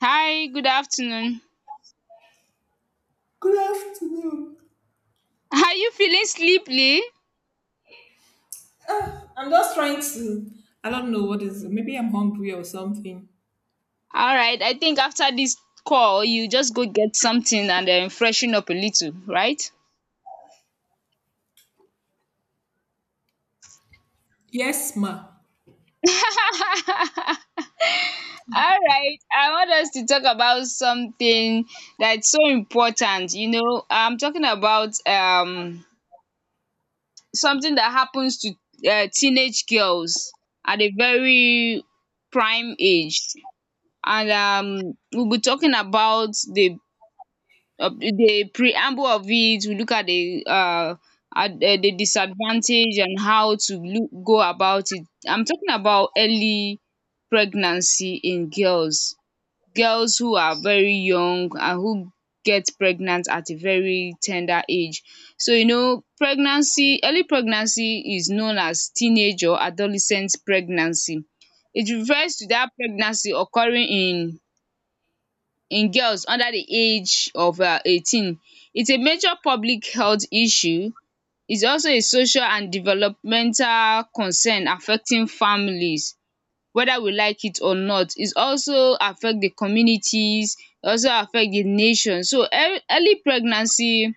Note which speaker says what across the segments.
Speaker 1: Hi, good afternoon.
Speaker 2: Good afternoon.
Speaker 1: Are you feeling sleepy?
Speaker 2: I'm just trying to. I don't know what is. Maybe I'm hungry or something.
Speaker 1: Alright, I think after this call you just go get something and then freshen up a little, right?
Speaker 2: Yes, ma.
Speaker 1: Alright, I want us to talk about something that's so important. I'm talking about something that happens to teenage girls at a very prime age, and we'll be talking about the preamble of it. We look at the disadvantage and how to go about it. I'm talking about early pregnancy in girls, girls who are very young and who get pregnant at a very tender age. So you know, pregnancy, early pregnancy is known as teenage or adolescent pregnancy. It refers to that pregnancy occurring in girls under the age of 18. It's a major public health issue. It's also a social and developmental concern affecting families, whether we like it or not. It also affect the communities, also affect the nation. So early pregnancy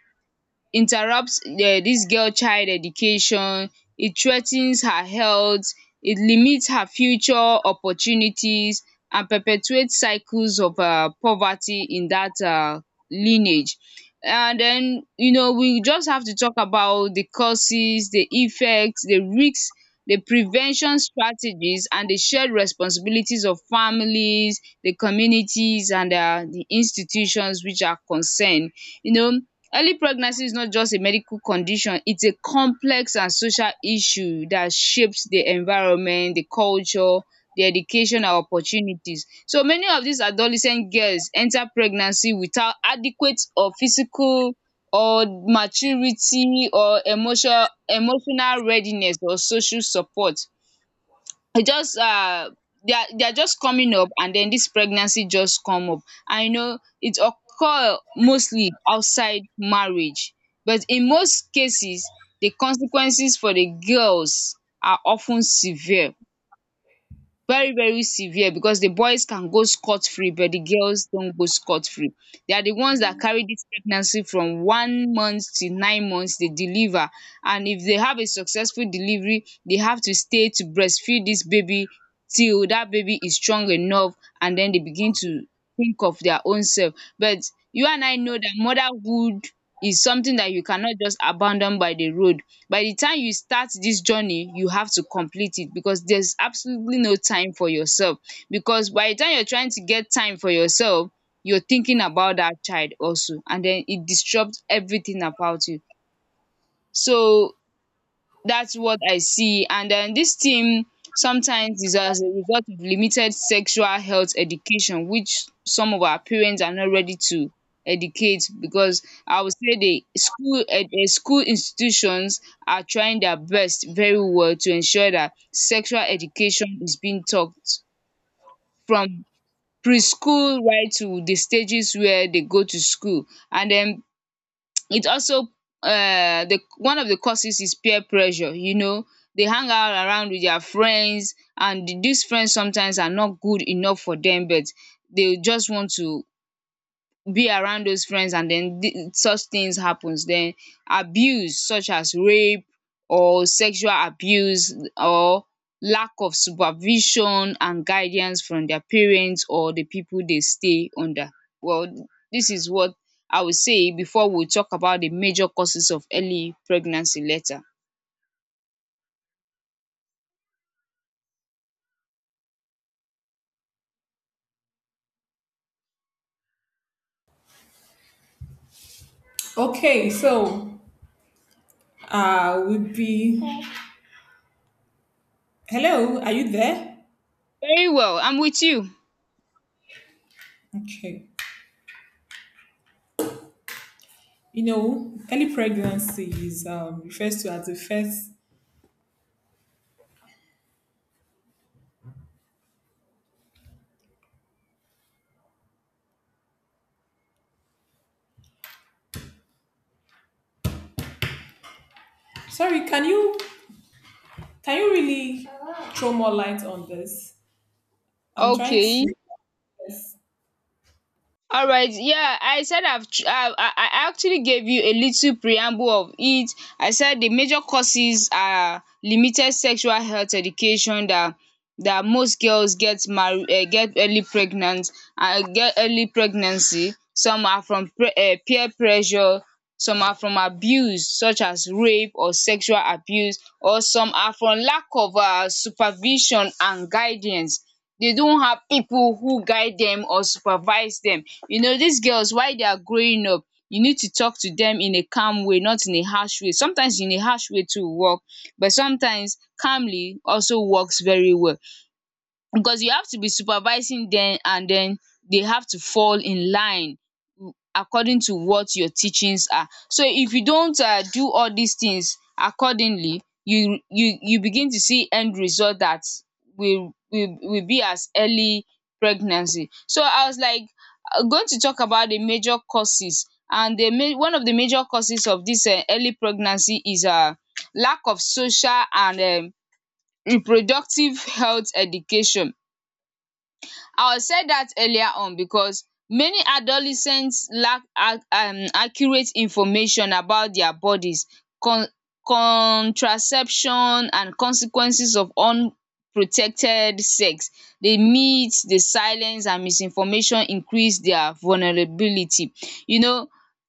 Speaker 1: interrupts dis girl child education, e threa ten s her health, e limits her future opportunities, and perpetuate cycles of poverty in dat lineage. And then you know, we just have to talk about the causes, the effects, the risks, the prevention strategies, and the shared responsibilities of families, the communities, and the institutions which are concerned. You know Early pregnancy is not just a medical condition, it's a complex and social issue that shapes the environment, the culture, the education, and opportunities. So many of these adolescent girls enter pregnancy without adequate or physical or maturity or emotional readiness or social support, e just they are just coming up, and then this pregnancy just come up. And you know, it occur mostly outside marriage, but in most cases the consequences for the girls are often severe, very very severe, because the boys can go scot free but the girls don't go scot free. They are the ones that carry this pregnancy from 1 month to 9 months. They deliver, and if they have a successful delivery they have to stay to breastfeed this baby till that baby is strong enough, and then they begin to think of their own self. But you and I know that motherhood is something that you cannot just abandon by the road. By the time you start this journey you have to complete it, because there's absolutely no time for yourself, because by the time you're trying to get time for yourself you're thinking about that child also, and then it disrupts everything about you. So that's what I see. And then this thing sometimes is as a result of limited sexual health education, which some of our parents are not ready to educate, because I would say the school institutions are trying their best very well to ensure that sexual education is being taught from preschool right to the stages where they go to school. And then it also the one of the causes is peer pressure. You know, they hang out around with their friends, and these friends sometimes are not good enough for them, but they just want to be around those friends, and then such things happens. Then abuse such as rape, or sexual abuse, or lack of supervision and guidance from their parents or the people they stay under. Well, this is what I would say before we talk about the major causes of early pregnancy later.
Speaker 2: Okay, so would be. Hello, are you there?
Speaker 1: Very well, I'm with you.
Speaker 2: Okay. Early pregnancy is refers to as the first. Sorry, can you really throw more light on this? I'm trying
Speaker 1: Okay.
Speaker 2: to. Yes.
Speaker 1: All right, yeah, I said I've tr- I actually gave you a little preamble of it. I said the major causes are limited sexual health education, that that most girls get early pregnancy. Some are from peer pressure, some are from abuse such as rape or sexual abuse, or some are from lack of supervision and guidance. They don't have people who guide them or supervise them. You know, these girls while they are growing up, you need to talk to them in a calm way, not in a harsh way. Sometimes in a harsh way too will work, but sometimes calmly also works very well, because you have to be supervising them, and then they have to fall in line according to what your teachings are. So if you don't do all these things accordingly, you begin to see end result that will be as early pregnancy. So I was like, going to talk about the major causes. And one of the major causes of this early pregnancy is lack of social and reproductive health education. I said that earlier on, because many adolescents lack ac accurate information about their bodies, con contraception, and consequences of unprotected sex. The myths, the silence, and misinformation increase their vulnerability. You know,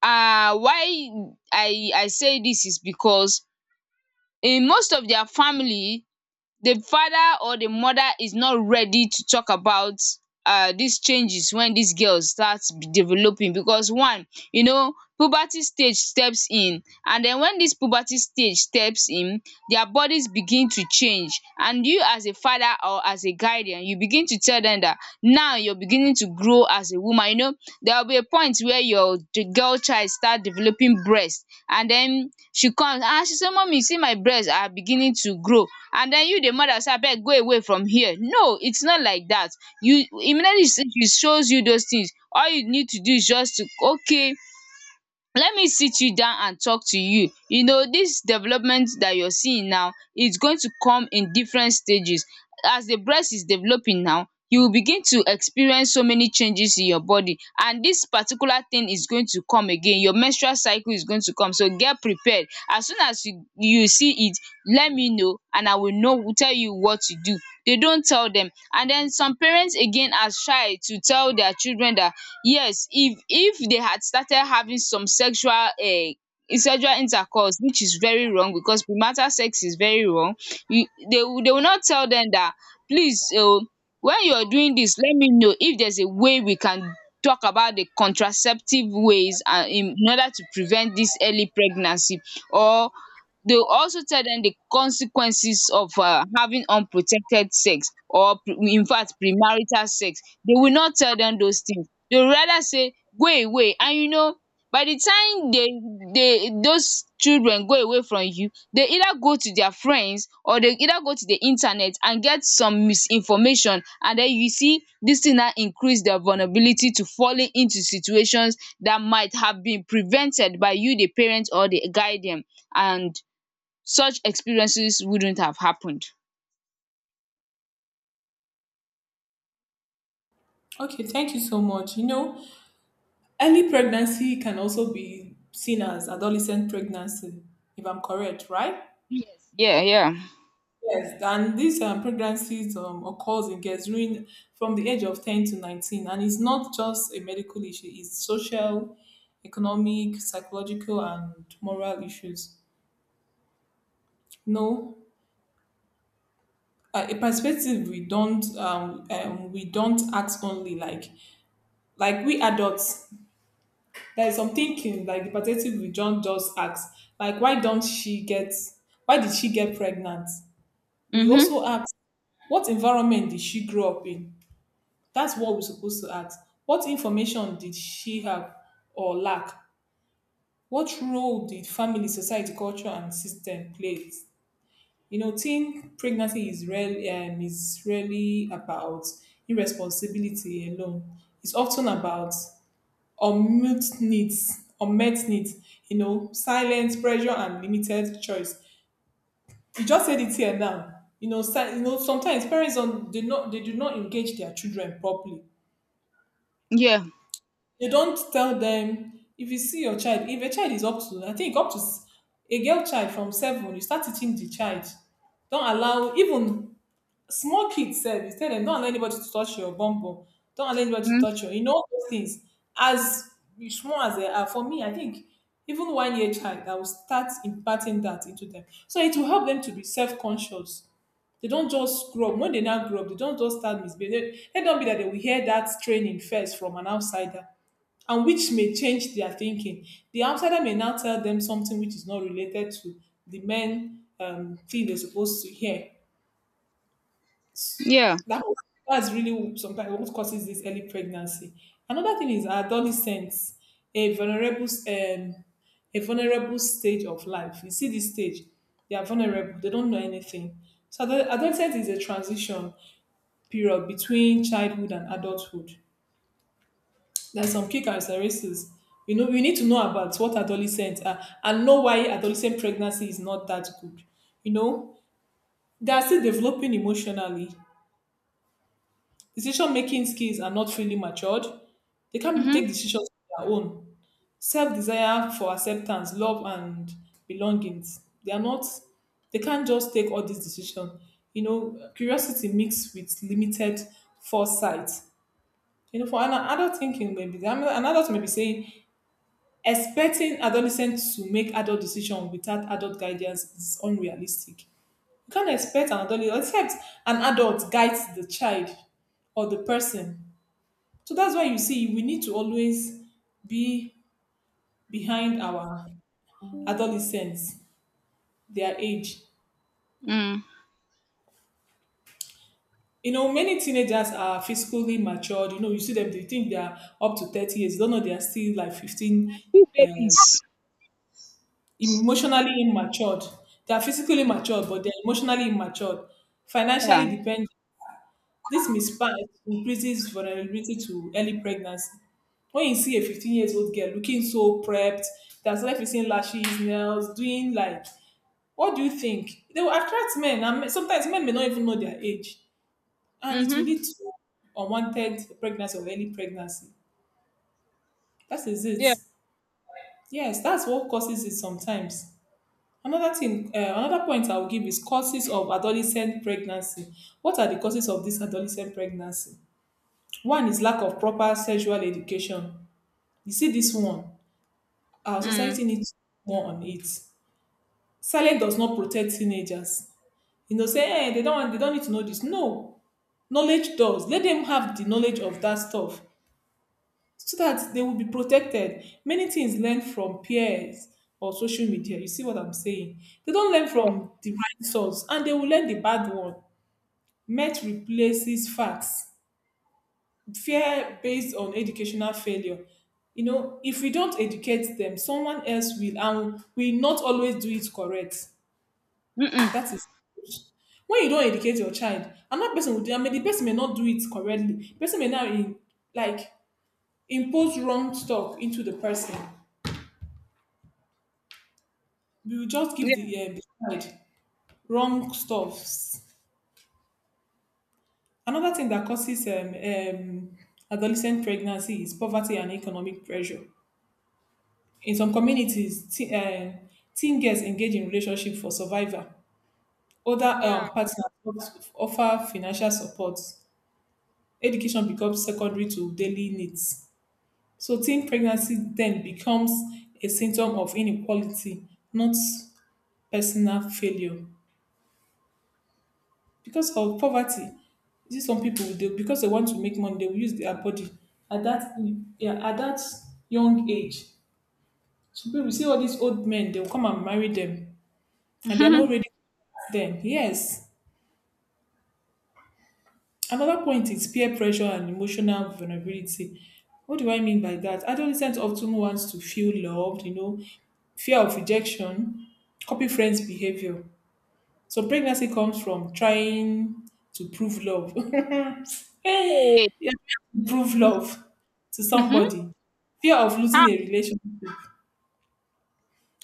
Speaker 1: why I say this is because in most of their family, the father or the mother is not ready to talk about these changes when these girls start developing. Because one, you know, puberty stage steps in, and then when this puberty stage steps in, their bodies begin to change, and you as a father or as a guardian, you begin to tell them that now you're beginning to grow as a woman. You know, there will be a point where your the girl child start developing breast, and then she comes and she say, "Mummy, see, my breast are beginning to grow." And then you, the mother, say, "Abeg, go away from here, no, its not like that." You, immediately she shows you those things, all you need to do is just to, okay, let me sit you down and talk to you. You know, this development that you're seeing now is going to come in different stages. As the breast is developing now, you will begin to experience so many changes in your body, and this particular thing is going to come again. Your menstrual cycle is going to come, so get prepared. As soon as you see it, let me know, and I will know tell you what to do. They don't tell them. And then some parents again are shy to tell their children that, yes, if they had started having some sexual intercourse, which is very wrong because premarital sex is very wrong, you they will not tell them that, please, when you are doing this, let me know if there's a way we can talk about the contraceptive ways, and in order to prevent this early pregnancy. Or they will also tell them the consequences of having unprotected sex, or in fact premarital sex. They will not tell them those things. They would rather say, "Go away." And you know, by the time they those children go away from you, they either go to their friends or they either go to the internet and get some misinformation, and then you see this thing now increase their vulnerability to falling into situations that might have been prevented by you, the parent or the guardian. And such experiences wouldn't have happened.
Speaker 2: Okay, thank you so much. Early pregnancy can also be seen as adolescent pregnancy, if I'm correct, right?
Speaker 1: Yeah, yeah.
Speaker 2: Yes, and these pregnancies occurs in girls during from the age of 10 to 19, and it's not just a medical issue, it's social, economic, psychological, and moral issues. No, a perspective we don't act only like we adults. There is some thinking, like the perspective we John just asked, like why don't she get why did she get pregnant? We
Speaker 1: Mhm.
Speaker 2: also ask what environment did she grow up in? That's what we're supposed to ask. What information did she have or lack? What role did family, society, culture, and system play? Teen pregnancy is really about irresponsibility alone. It's often about unmet needs, silence, pressure and limited choice. You just said it here now. Sometimes parents don't do not they do not engage their children properly.
Speaker 1: Yeah.
Speaker 2: They don't tell them. If you see your child If a child is up to, I think, up to a girl child from seven, you start teaching the child. Don't allow even small kids sef, you tell dem don't allow anybody to touch your bum bum, don't allow anybody to
Speaker 1: Mm.
Speaker 2: touch your, all those things. As you small as they are, for me I think even 1 year child I will start imparting that into them, so it will help them to be self-conscious. They don't just grow up. When they now grow up, they don't just start misbehaving. Let not be that they will hear that training first from an outsider, and which may change their thinking. The outsider may now tell them something which is not related to the main thing they're supposed to hear.
Speaker 1: Yeah.
Speaker 2: That, that's really sometimes what causes this early pregnancy. Another thing is adolescence, a vulnerable, um, a vulnerable stage of life. You see this stage, they are vulnerable. They don't know anything. So adolescence is a transition period between childhood and adulthood. There's some key characteristics. We need to know about what adolescents are and know why adolescent pregnancy is not that good. You know, they are still developing emotionally. Decision making skills are not fully matured. They can take
Speaker 1: Mhm.
Speaker 2: decisions on their own. Self desire for acceptance, love, and belongings. They are not, they can't just take all these decisions. Curiosity mixed with limited foresight. For an adult thinking, maybe an adult may be saying, expecting adolescents to make adult decisions without adult guidance is unrealistic. You can't expect an adult, except an adult guides the child or the person. So that's why you see, we need to always be behind our adolescents, their age.
Speaker 1: Mm.
Speaker 2: Many teenagers are physically matured. You see them, they think they are up to 30 years. You don't know they are still like 15,
Speaker 1: Two
Speaker 2: um,
Speaker 1: babies.
Speaker 2: emotionally immatured. They are physically matured, but they're emotionally immatured, financially
Speaker 1: Yeah.
Speaker 2: dependent. This mismatch increases vulnerability to early pregnancy. When you see a 15 years old girl looking so prepped, that's like seeing lashes, nails, doing like. What do you think? They will attract men, and sometimes men may not even know their age, and it will
Speaker 1: Mhm.
Speaker 2: lead to unwanted pregnancy or early pregnancy. That is it.
Speaker 1: Yeah.
Speaker 2: Yes, that's what causes it sometimes. Another thing, another point I will give is causes of adolescent pregnancy. What are the causes of this adolescent pregnancy? One is lack of proper sexual education. You see, this one, our
Speaker 1: Mm.
Speaker 2: society needs more on it. Silence does not protect teenagers. Say, hey, they don't need to know this. No, knowledge does. Let them have the knowledge of that stuff so that they will be protected. Many things learned from peers or social media, you see what I'm saying. They don't learn
Speaker 1: Yeah.
Speaker 2: from the right source and they will learn the bad one. Myth replaces facts. Fear based on educational failure. If we don't educate them, someone else will, and we not always do it correct.
Speaker 1: Mm-mm.
Speaker 2: That is, when you don't educate your child another person will do. I mean, the person may not do it correctly. The person may not in, like, impose wrong stuff into the person. We will just give
Speaker 1: Yeah.
Speaker 2: the beside wrong stuffs. Another thing that causes adolescent pregnancy is poverty and economic pressure. In some communities, teen girls engage in relationship for survival. Other
Speaker 1: Yeah.
Speaker 2: partners offer financial support. Education becomes secondary to daily needs. So teen pregnancy then becomes a symptom of inequality, not personal failure. Because of poverty, you see some people they, because they want to make money, they will use their body at that, yeah, at that young age. So people see all these old men, they'll come and marry them, and they're not
Speaker 1: Mm-hmm.
Speaker 2: ready for them. Yes. Another point is peer pressure and emotional vulnerability. What do I mean by that? Adolescents often wants to feel loved, fear of rejection, copy friends' behavior. So pregnancy comes from trying to prove love.
Speaker 1: Hey.
Speaker 2: You are trying to prove love to
Speaker 1: Mhm.
Speaker 2: somebody. Fear of losing
Speaker 1: Hi,
Speaker 2: a relationship.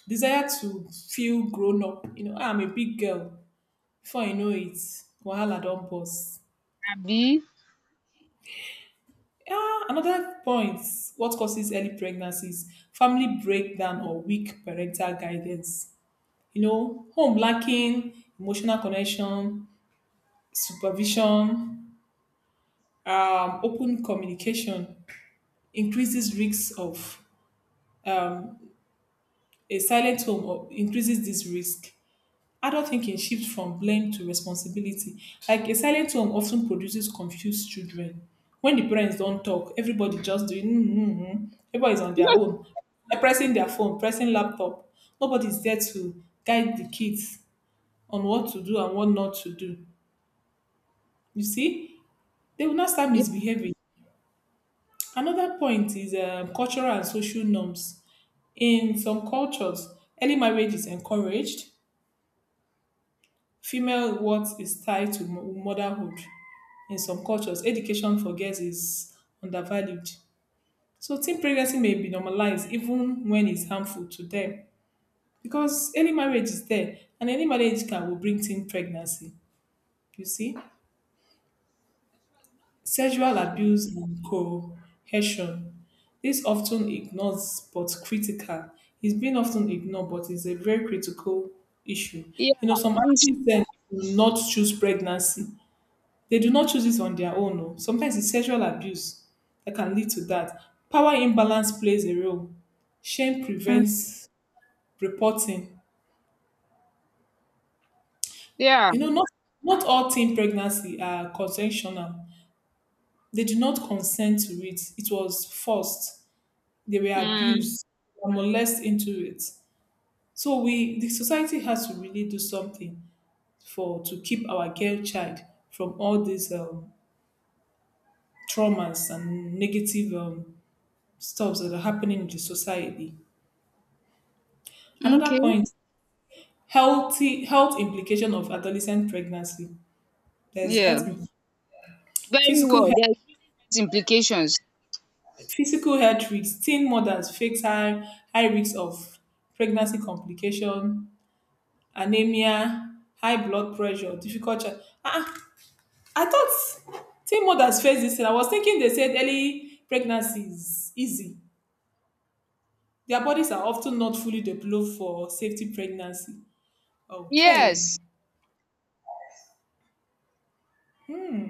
Speaker 2: Desire to feel grown up. I'm a big girl. Before I know it, wahala don burst.
Speaker 1: Abby.
Speaker 2: Ah, another point. What causes early pregnancies? Family breakdown or weak parental guidance. Home lacking emotional connection, supervision, open communication increases risks of um a silent home, or increases this risk. Adult thinking shifts from blame to responsibility. Like a silent home often produces confused children. When the parents don't talk, everybody just doing, everybody's on their own. They're pressing their phone, pressing laptop. Nobody's there to guide the kids on what to do and what not to do. You see, they will not start
Speaker 1: Yeah.
Speaker 2: misbehaving. Another point is cultural and social norms. In some cultures, early marriage is encouraged. Female worth is tied to motherhood. In some cultures, education for girls is undervalued. So teen pregnancy may be normalized even when it's harmful to them. Because early marriage is there, and any marriage can will bring teen pregnancy. You see? Sexual abuse and coercion. This often ignores but critical. It's been often ignored but it's a very critical issue.
Speaker 1: Yeah.
Speaker 2: Some
Speaker 1: It's-
Speaker 2: athletes then will not choose pregnancy. They do not choose it on their own. Oh. Sometimes it's sexual abuse that can lead to that. Power imbalance plays a role. Shame
Speaker 1: mm,
Speaker 2: prevents reporting.
Speaker 1: yeah.
Speaker 2: You know, not not all teen pregnancy are consensual. They did not consent to it. It was forced. They were
Speaker 1: Mm.
Speaker 2: abused, they molested into it. So we, the society, has to really do something for, to keep our girl child from all these traumas and negative stuffs that are happening in the society. Another
Speaker 1: Okay.
Speaker 2: point, health implication of adolescent pregnancy. There's
Speaker 1: Yeah. Very
Speaker 2: physical
Speaker 1: well.
Speaker 2: health,
Speaker 1: There's implications.
Speaker 2: physical health, risks. Teen mothers face high risks of pregnancy complication, anemia, high blood pressure, difficult. Child. Ah, ah, I thought teen mothers face this, and I was thinking they said early pregnancy is easy. Their bodies are often not fully developed for safety pregnancy. Okay.
Speaker 1: Yes.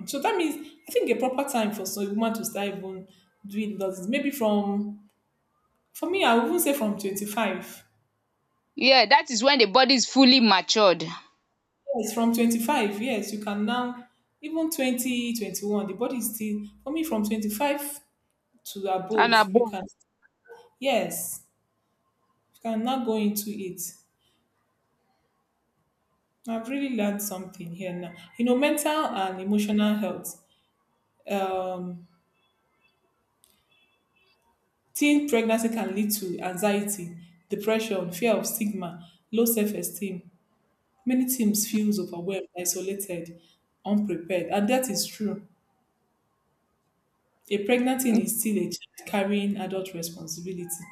Speaker 2: So that means I think a proper time for some woman to start even doing does is maybe from, for me I would even say from 25.
Speaker 1: Yeah. That is when the body is fully matured
Speaker 2: Yes, from 25. Yes, you can now even 20 twenty one. The body is still, for me, from 25 to
Speaker 1: and
Speaker 2: above. You
Speaker 1: above.
Speaker 2: can, yes, you can now go into it. I've really learned something here now. Mental and emotional health. Um, teen pregnancy can lead to anxiety, depression, fear of stigma, low self-esteem. Many teams feels overwhelmed, isolated, unprepared, and that is true. A pregnant teen is still a child carrying adult responsibility.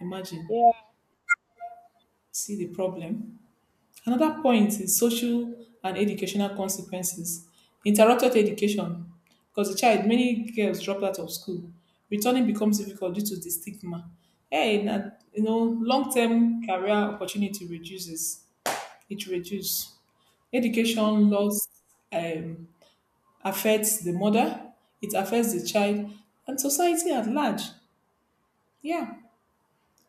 Speaker 2: Imagine,
Speaker 1: Yeah.
Speaker 2: see the problem. Another point is social and educational consequences. Interrupted education, because the child, many girls drop out of school. Returning becomes difficult due to the stigma. Hey, na, long-term career opportunity reduces. It reduces
Speaker 1: Mhm.
Speaker 2: education loss, um, affects the mother, it affects the child, and society at large. Yeah.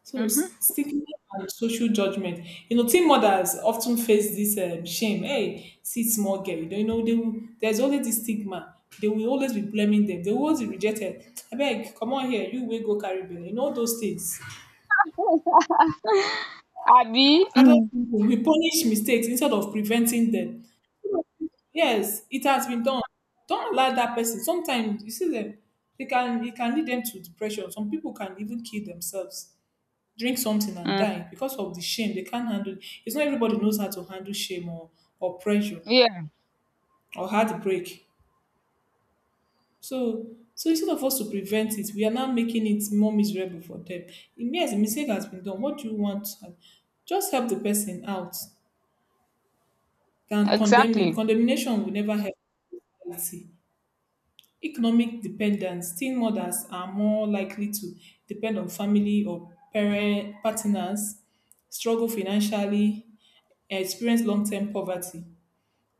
Speaker 2: So
Speaker 1: Mhm.
Speaker 2: stigma and social judgment. Teen mothers often face this shame. Hey, see small girl. You don't, you know they will, there's always this stigma. They will always be blaming them. They will always be rejected. I beg, come on here. You will go carry bill. You know those things.
Speaker 1: Abby.
Speaker 2: Adult
Speaker 1: Mm.
Speaker 2: people we punish mistakes instead of preventing them. Yes, it has been done. Don't allow that person. Sometimes you see them, they can it can lead them to depression. Some people can even kill themselves, drink something and
Speaker 1: Mm.
Speaker 2: die because of the shame. They can't handle it. It's not everybody knows how to handle shame or pressure
Speaker 1: Yeah.
Speaker 2: or heartbreak. So so instead of us to prevent it, we are now making it more miserable for them. Yes, a mistake has been done. What do you want? Just help the person out than condemning.
Speaker 1: Exactly.
Speaker 2: Condemnation will never help. Society. Economic dependence. Teen mothers are more likely to depend on family or parent partners, struggle financially, and experience long-term poverty.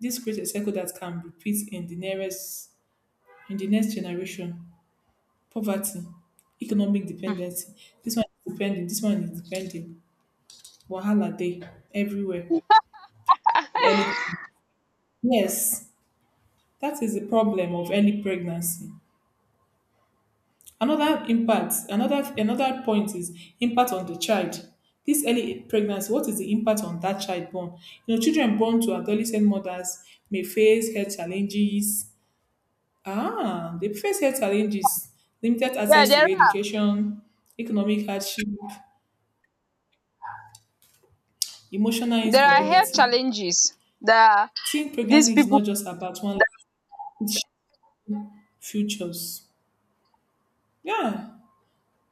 Speaker 2: This creates a cycle that can repeat in the next generation. Poverty, economic
Speaker 1: Mm.
Speaker 2: dependency. This one is depending. This one is depending. Wahala day everywhere. Early, yes, that is the problem of early pregnancy. Another impact, another point is impact on the child. This early pregnancy, what is the impact on that child born? You know, children born to adolescent mothers may face health challenges. Ah, they face health challenges, limited
Speaker 1: Yeah.
Speaker 2: access to education, economic hardship, emotional
Speaker 1: There are health
Speaker 2: instability.
Speaker 1: challenges that
Speaker 2: Teen
Speaker 1: these
Speaker 2: pregnancy is not
Speaker 1: people.
Speaker 2: just about one life, futures. Yeah.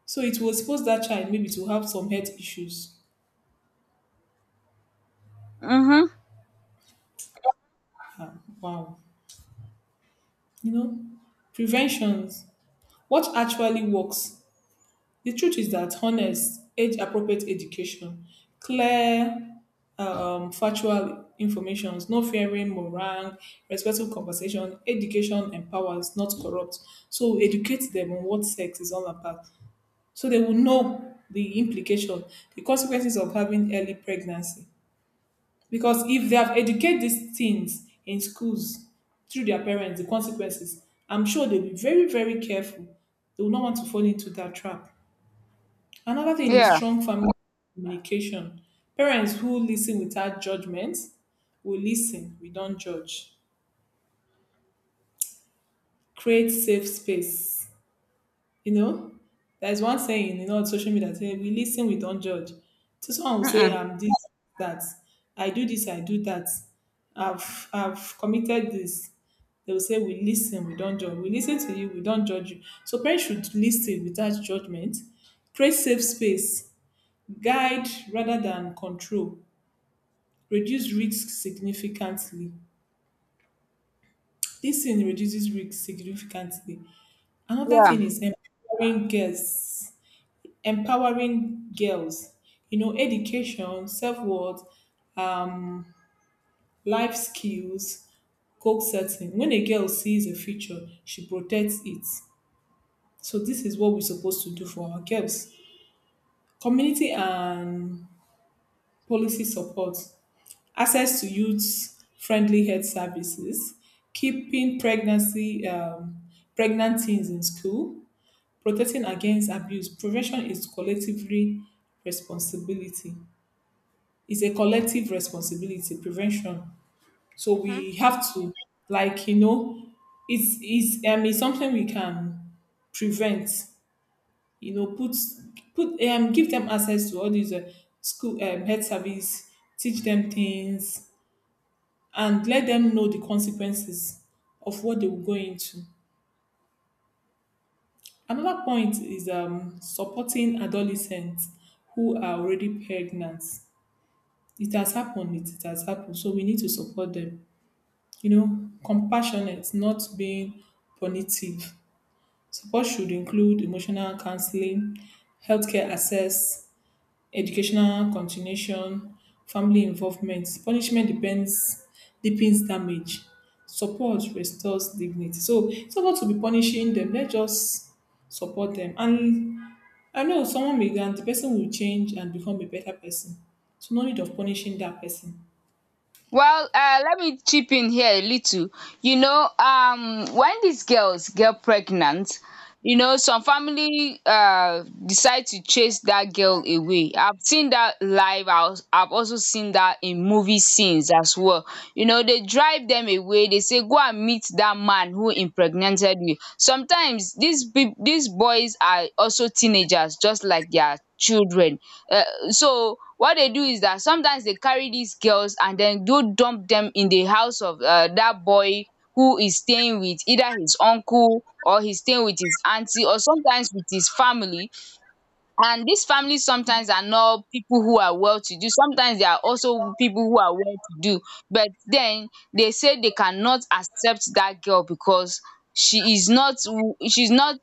Speaker 2: So it will expose that child maybe to have some health issues.
Speaker 1: Mhm.
Speaker 2: Wow. You know, preventions. What actually works? The truth is that honest, age appropriate education, clear, factual information, no fearing, meringue, respectful conversation. Education empowers, not corrupt. So educate them on what sex is all about. So they will know the implication, the consequences of having early pregnancy. Because if they have educated these teens in schools through their parents, the consequences, I'm sure they'll be very, very careful. They will not want to fall into that trap. Another thing is
Speaker 1: Yeah.
Speaker 2: strong family communication. Parents who listen without judgment will listen, we don't judge. Create safe space. You know, there's one saying, you know, on social media, say, we listen, we don't judge. So someone will say,
Speaker 1: Mm-mm.
Speaker 2: I'm this, that. I do this, I do that. I've committed this. They will say, we listen, we don't judge. We listen to you, we don't judge you. So parents should listen without judgment. Create safe space. Guide rather than control. Reduce risk significantly. This thing reduces risk significantly. Another thing
Speaker 1: Yeah.
Speaker 2: is empowering girls. You know, education, self worth, life skills, goal setting. When a girl sees a future, she protects it. So, this is what we're supposed to do for our girls. Community and policy support, access to youth friendly health services, keeping pregnant teens in school, protecting against abuse. Prevention is collectively responsibility. It's a collective responsibility prevention, so we
Speaker 1: Hmm.
Speaker 2: have to, like, it's it's something we can prevent. You know, put put, give them access to all these school, health service, teach them things and let them know the consequences of what they will go into. Another point is supporting adolescents who are already pregnant. It has happened, it has happened, so we need to support them. You know, compassionate, not being punitive. Support should include emotional counseling, healthcare access, educational continuation, family involvement. Punishment depends deepens damage. Support restores dignity. So it's not about to be punishing them. Let's just support them. And I know someone may, and the person will change and become a better person. So no need of punishing that person.
Speaker 1: Well, let me chip in here a little. You know, when these girls get pregnant, you know, some family decide to chase that girl away. I've seen that live. I've also seen that in movie scenes as well. You know, they drive them away. They say, "Go and meet that man who impregnated you." Sometimes these boys are also teenagers, just like their children. Uh, so what dey do is dat sometimes dey carry dis girls and den go dump dem in the house of dat boy, who is staying with either his uncle, or he's staying with his aunty, or sometimes with his family. And dis families sometimes are not people who are well to do, sometimes they are also people who are well to do, but then they say they cannot accept that girl, because she is not w- she's not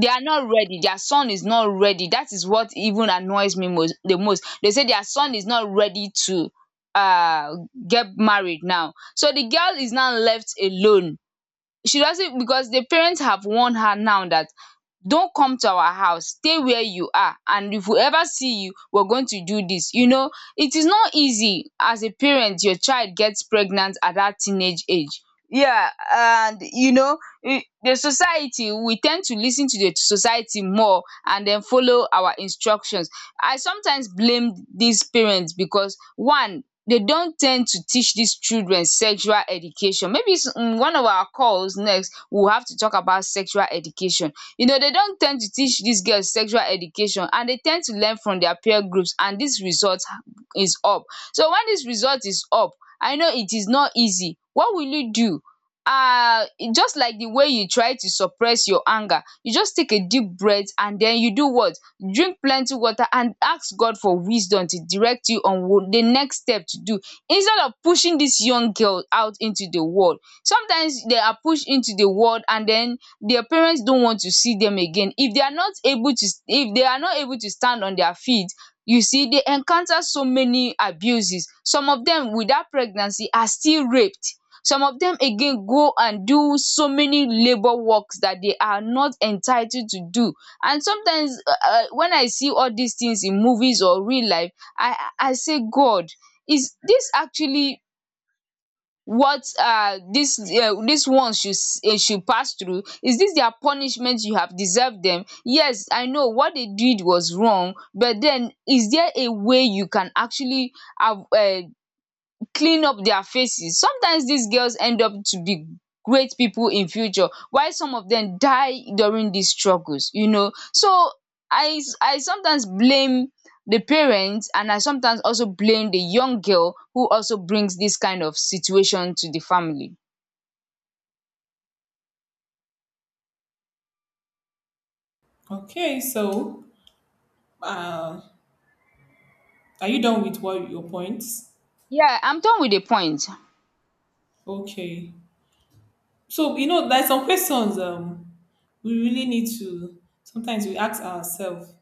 Speaker 1: they are not ready, their son is not ready. That is what even annoys me most the most. They say their son is not ready to get married now. So the girl is now left alone. She doesn't, because the parents have warned her now that, "Don't come to our house, stay where you are, and if we ever see you we're going to do this." You know, it is not easy as a parent your child gets pregnant at that teenage age. Yeah, and you know, I- the society, we tend to listen to the society more and then follow our instructions. I sometimes blame these parents, because one, they don tend to teach these children sexual education. Maybe in one of our calls next, we'll have to talk about sexual education. You know, they don tend to teach these girls sexual education, and they tend to learn from their peer groups, and this result is up. So when this result is up, I know it is not easy. What will you do? um just like the way you try to suppress your anger, you just take a deep breath, and den you do what? Drink plenty water and ask god for wisdom to direct you on what the next step to do, instead of pushing this young girl out into the world. Sometimes they are pushed into the world, and then their parents don't want to see them again, if they are not able to, if they are not able to stand on their feet. You see, they encounter so many abuses, some of them with that pregnancy are still raped, some of them again go and do so many labour works that they are not entitled to do. And sometimes when I see all these things in movies or real life, I say, "God, is this actually what this one should should pass through? Is this their punishment you have deserved them? Yes, I know what they did was wrong, but then is there a way you can actually have clean up their faces?" Sometimes these girls end up to be great people in future, while some of them die during these struggles. You know, so I sometimes blame the parents, and I sometimes also blame the young girl who also brings this kind of situation to the family.
Speaker 2: Okay, so uh, are you done with what your points?
Speaker 1: Yeah, I'm done with the point.
Speaker 2: Okay. So you know, there's some questions we really need to sometimes we ask ourselves.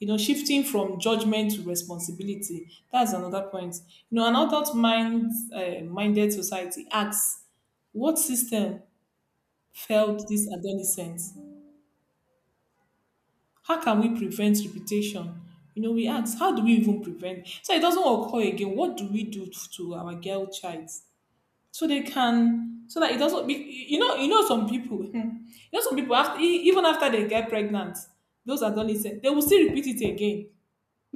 Speaker 2: You know, shifting from judgment to responsibility. That's another point. You know, an adult mind minded society asks, what system failed this adolescent? How can we prevent reputation? You know, we ask, how do we even prevent? So it doesn't occur again. What do we do to our girl child? So they can, so that it doesn't be, you know, you know some people you know some people after even after they get pregnant, those adolescents, they will still repeat it again.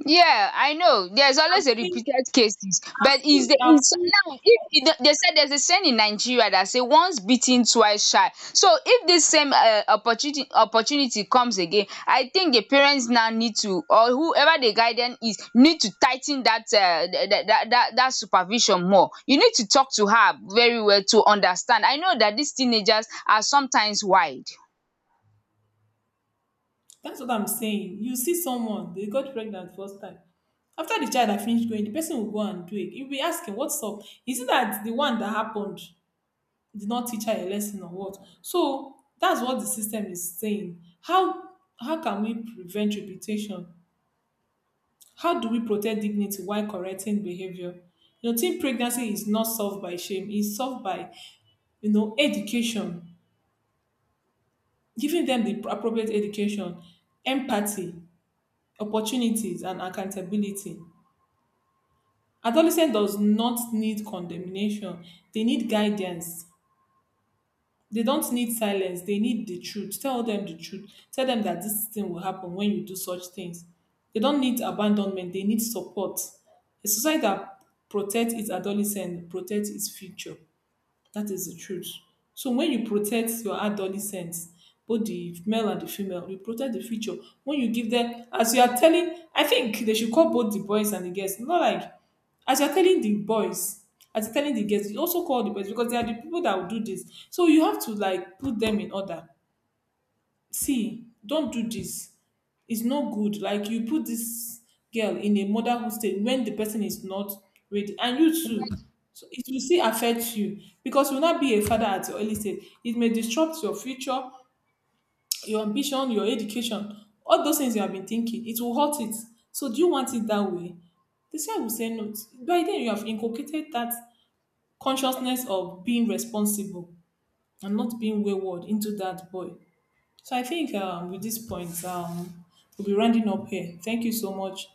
Speaker 1: Yeah, I know, there's
Speaker 2: i've
Speaker 1: always a
Speaker 2: seen
Speaker 1: repeated cases.
Speaker 2: i've
Speaker 1: But is
Speaker 2: seen
Speaker 1: the
Speaker 2: I've
Speaker 1: is
Speaker 2: seen,
Speaker 1: now if it, the- they said there's a saying in Nigeria that say once beaten, twice shy. So if this same opportunity comes again, I think the parents now need to, or whoever the guardian is, need to tighten that that supervision more. You need to talk to her very well to understand. I know that these teenagers are sometimes wide.
Speaker 2: that's what I'm saying. You see someone, they got pregnant first time, after the child had finished going, the person will go and do it. You'll be asking, what's up? Is it that the one that happened did not teach her a lesson or what? So that's what the system is saying. How can we prevent repetition? How do we protect dignity while correcting behavior? You know, teen pregnancy is not solved by shame. It's solved by, you know, education, giving them the appropriate education, empathy, opportunities, and accountability. Adolescent does not need condemnation. They need guidance. They dont need silence, they need the truth. Tell dem the truth, tell dem dat dis thing go happen wen you do such things. They dont need abandonment, they need support. A society dat protect its adolescents protect its future. That is the truth. So when you protect your adolescents, both the male and the female, you protect the future. When you give them, as you are telling, I think they should call both the boys and the girls. Not like, as you are telling the boys, as you're telling the girls, you also call the boys because they are the people that will do this. So you have to like put them in order, see, don't do this. It's no good like you put this girl in a motherhood stage when the person is not ready, and you too, so it will still affect you because you will not be a father at your early stage. It may disrupt your future, your ambition, your education, all those things you have been thinking, it will hurt it. So do you want it that way? The child will say no. By then you have inculcated that consciousness of being responsible and not being wayward into that boy. So I think with this point, we'll be rounding up here. Thank you so much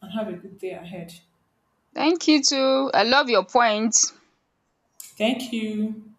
Speaker 2: and have a good day ahead.
Speaker 1: Thank you too. I love your point.
Speaker 2: Thank you.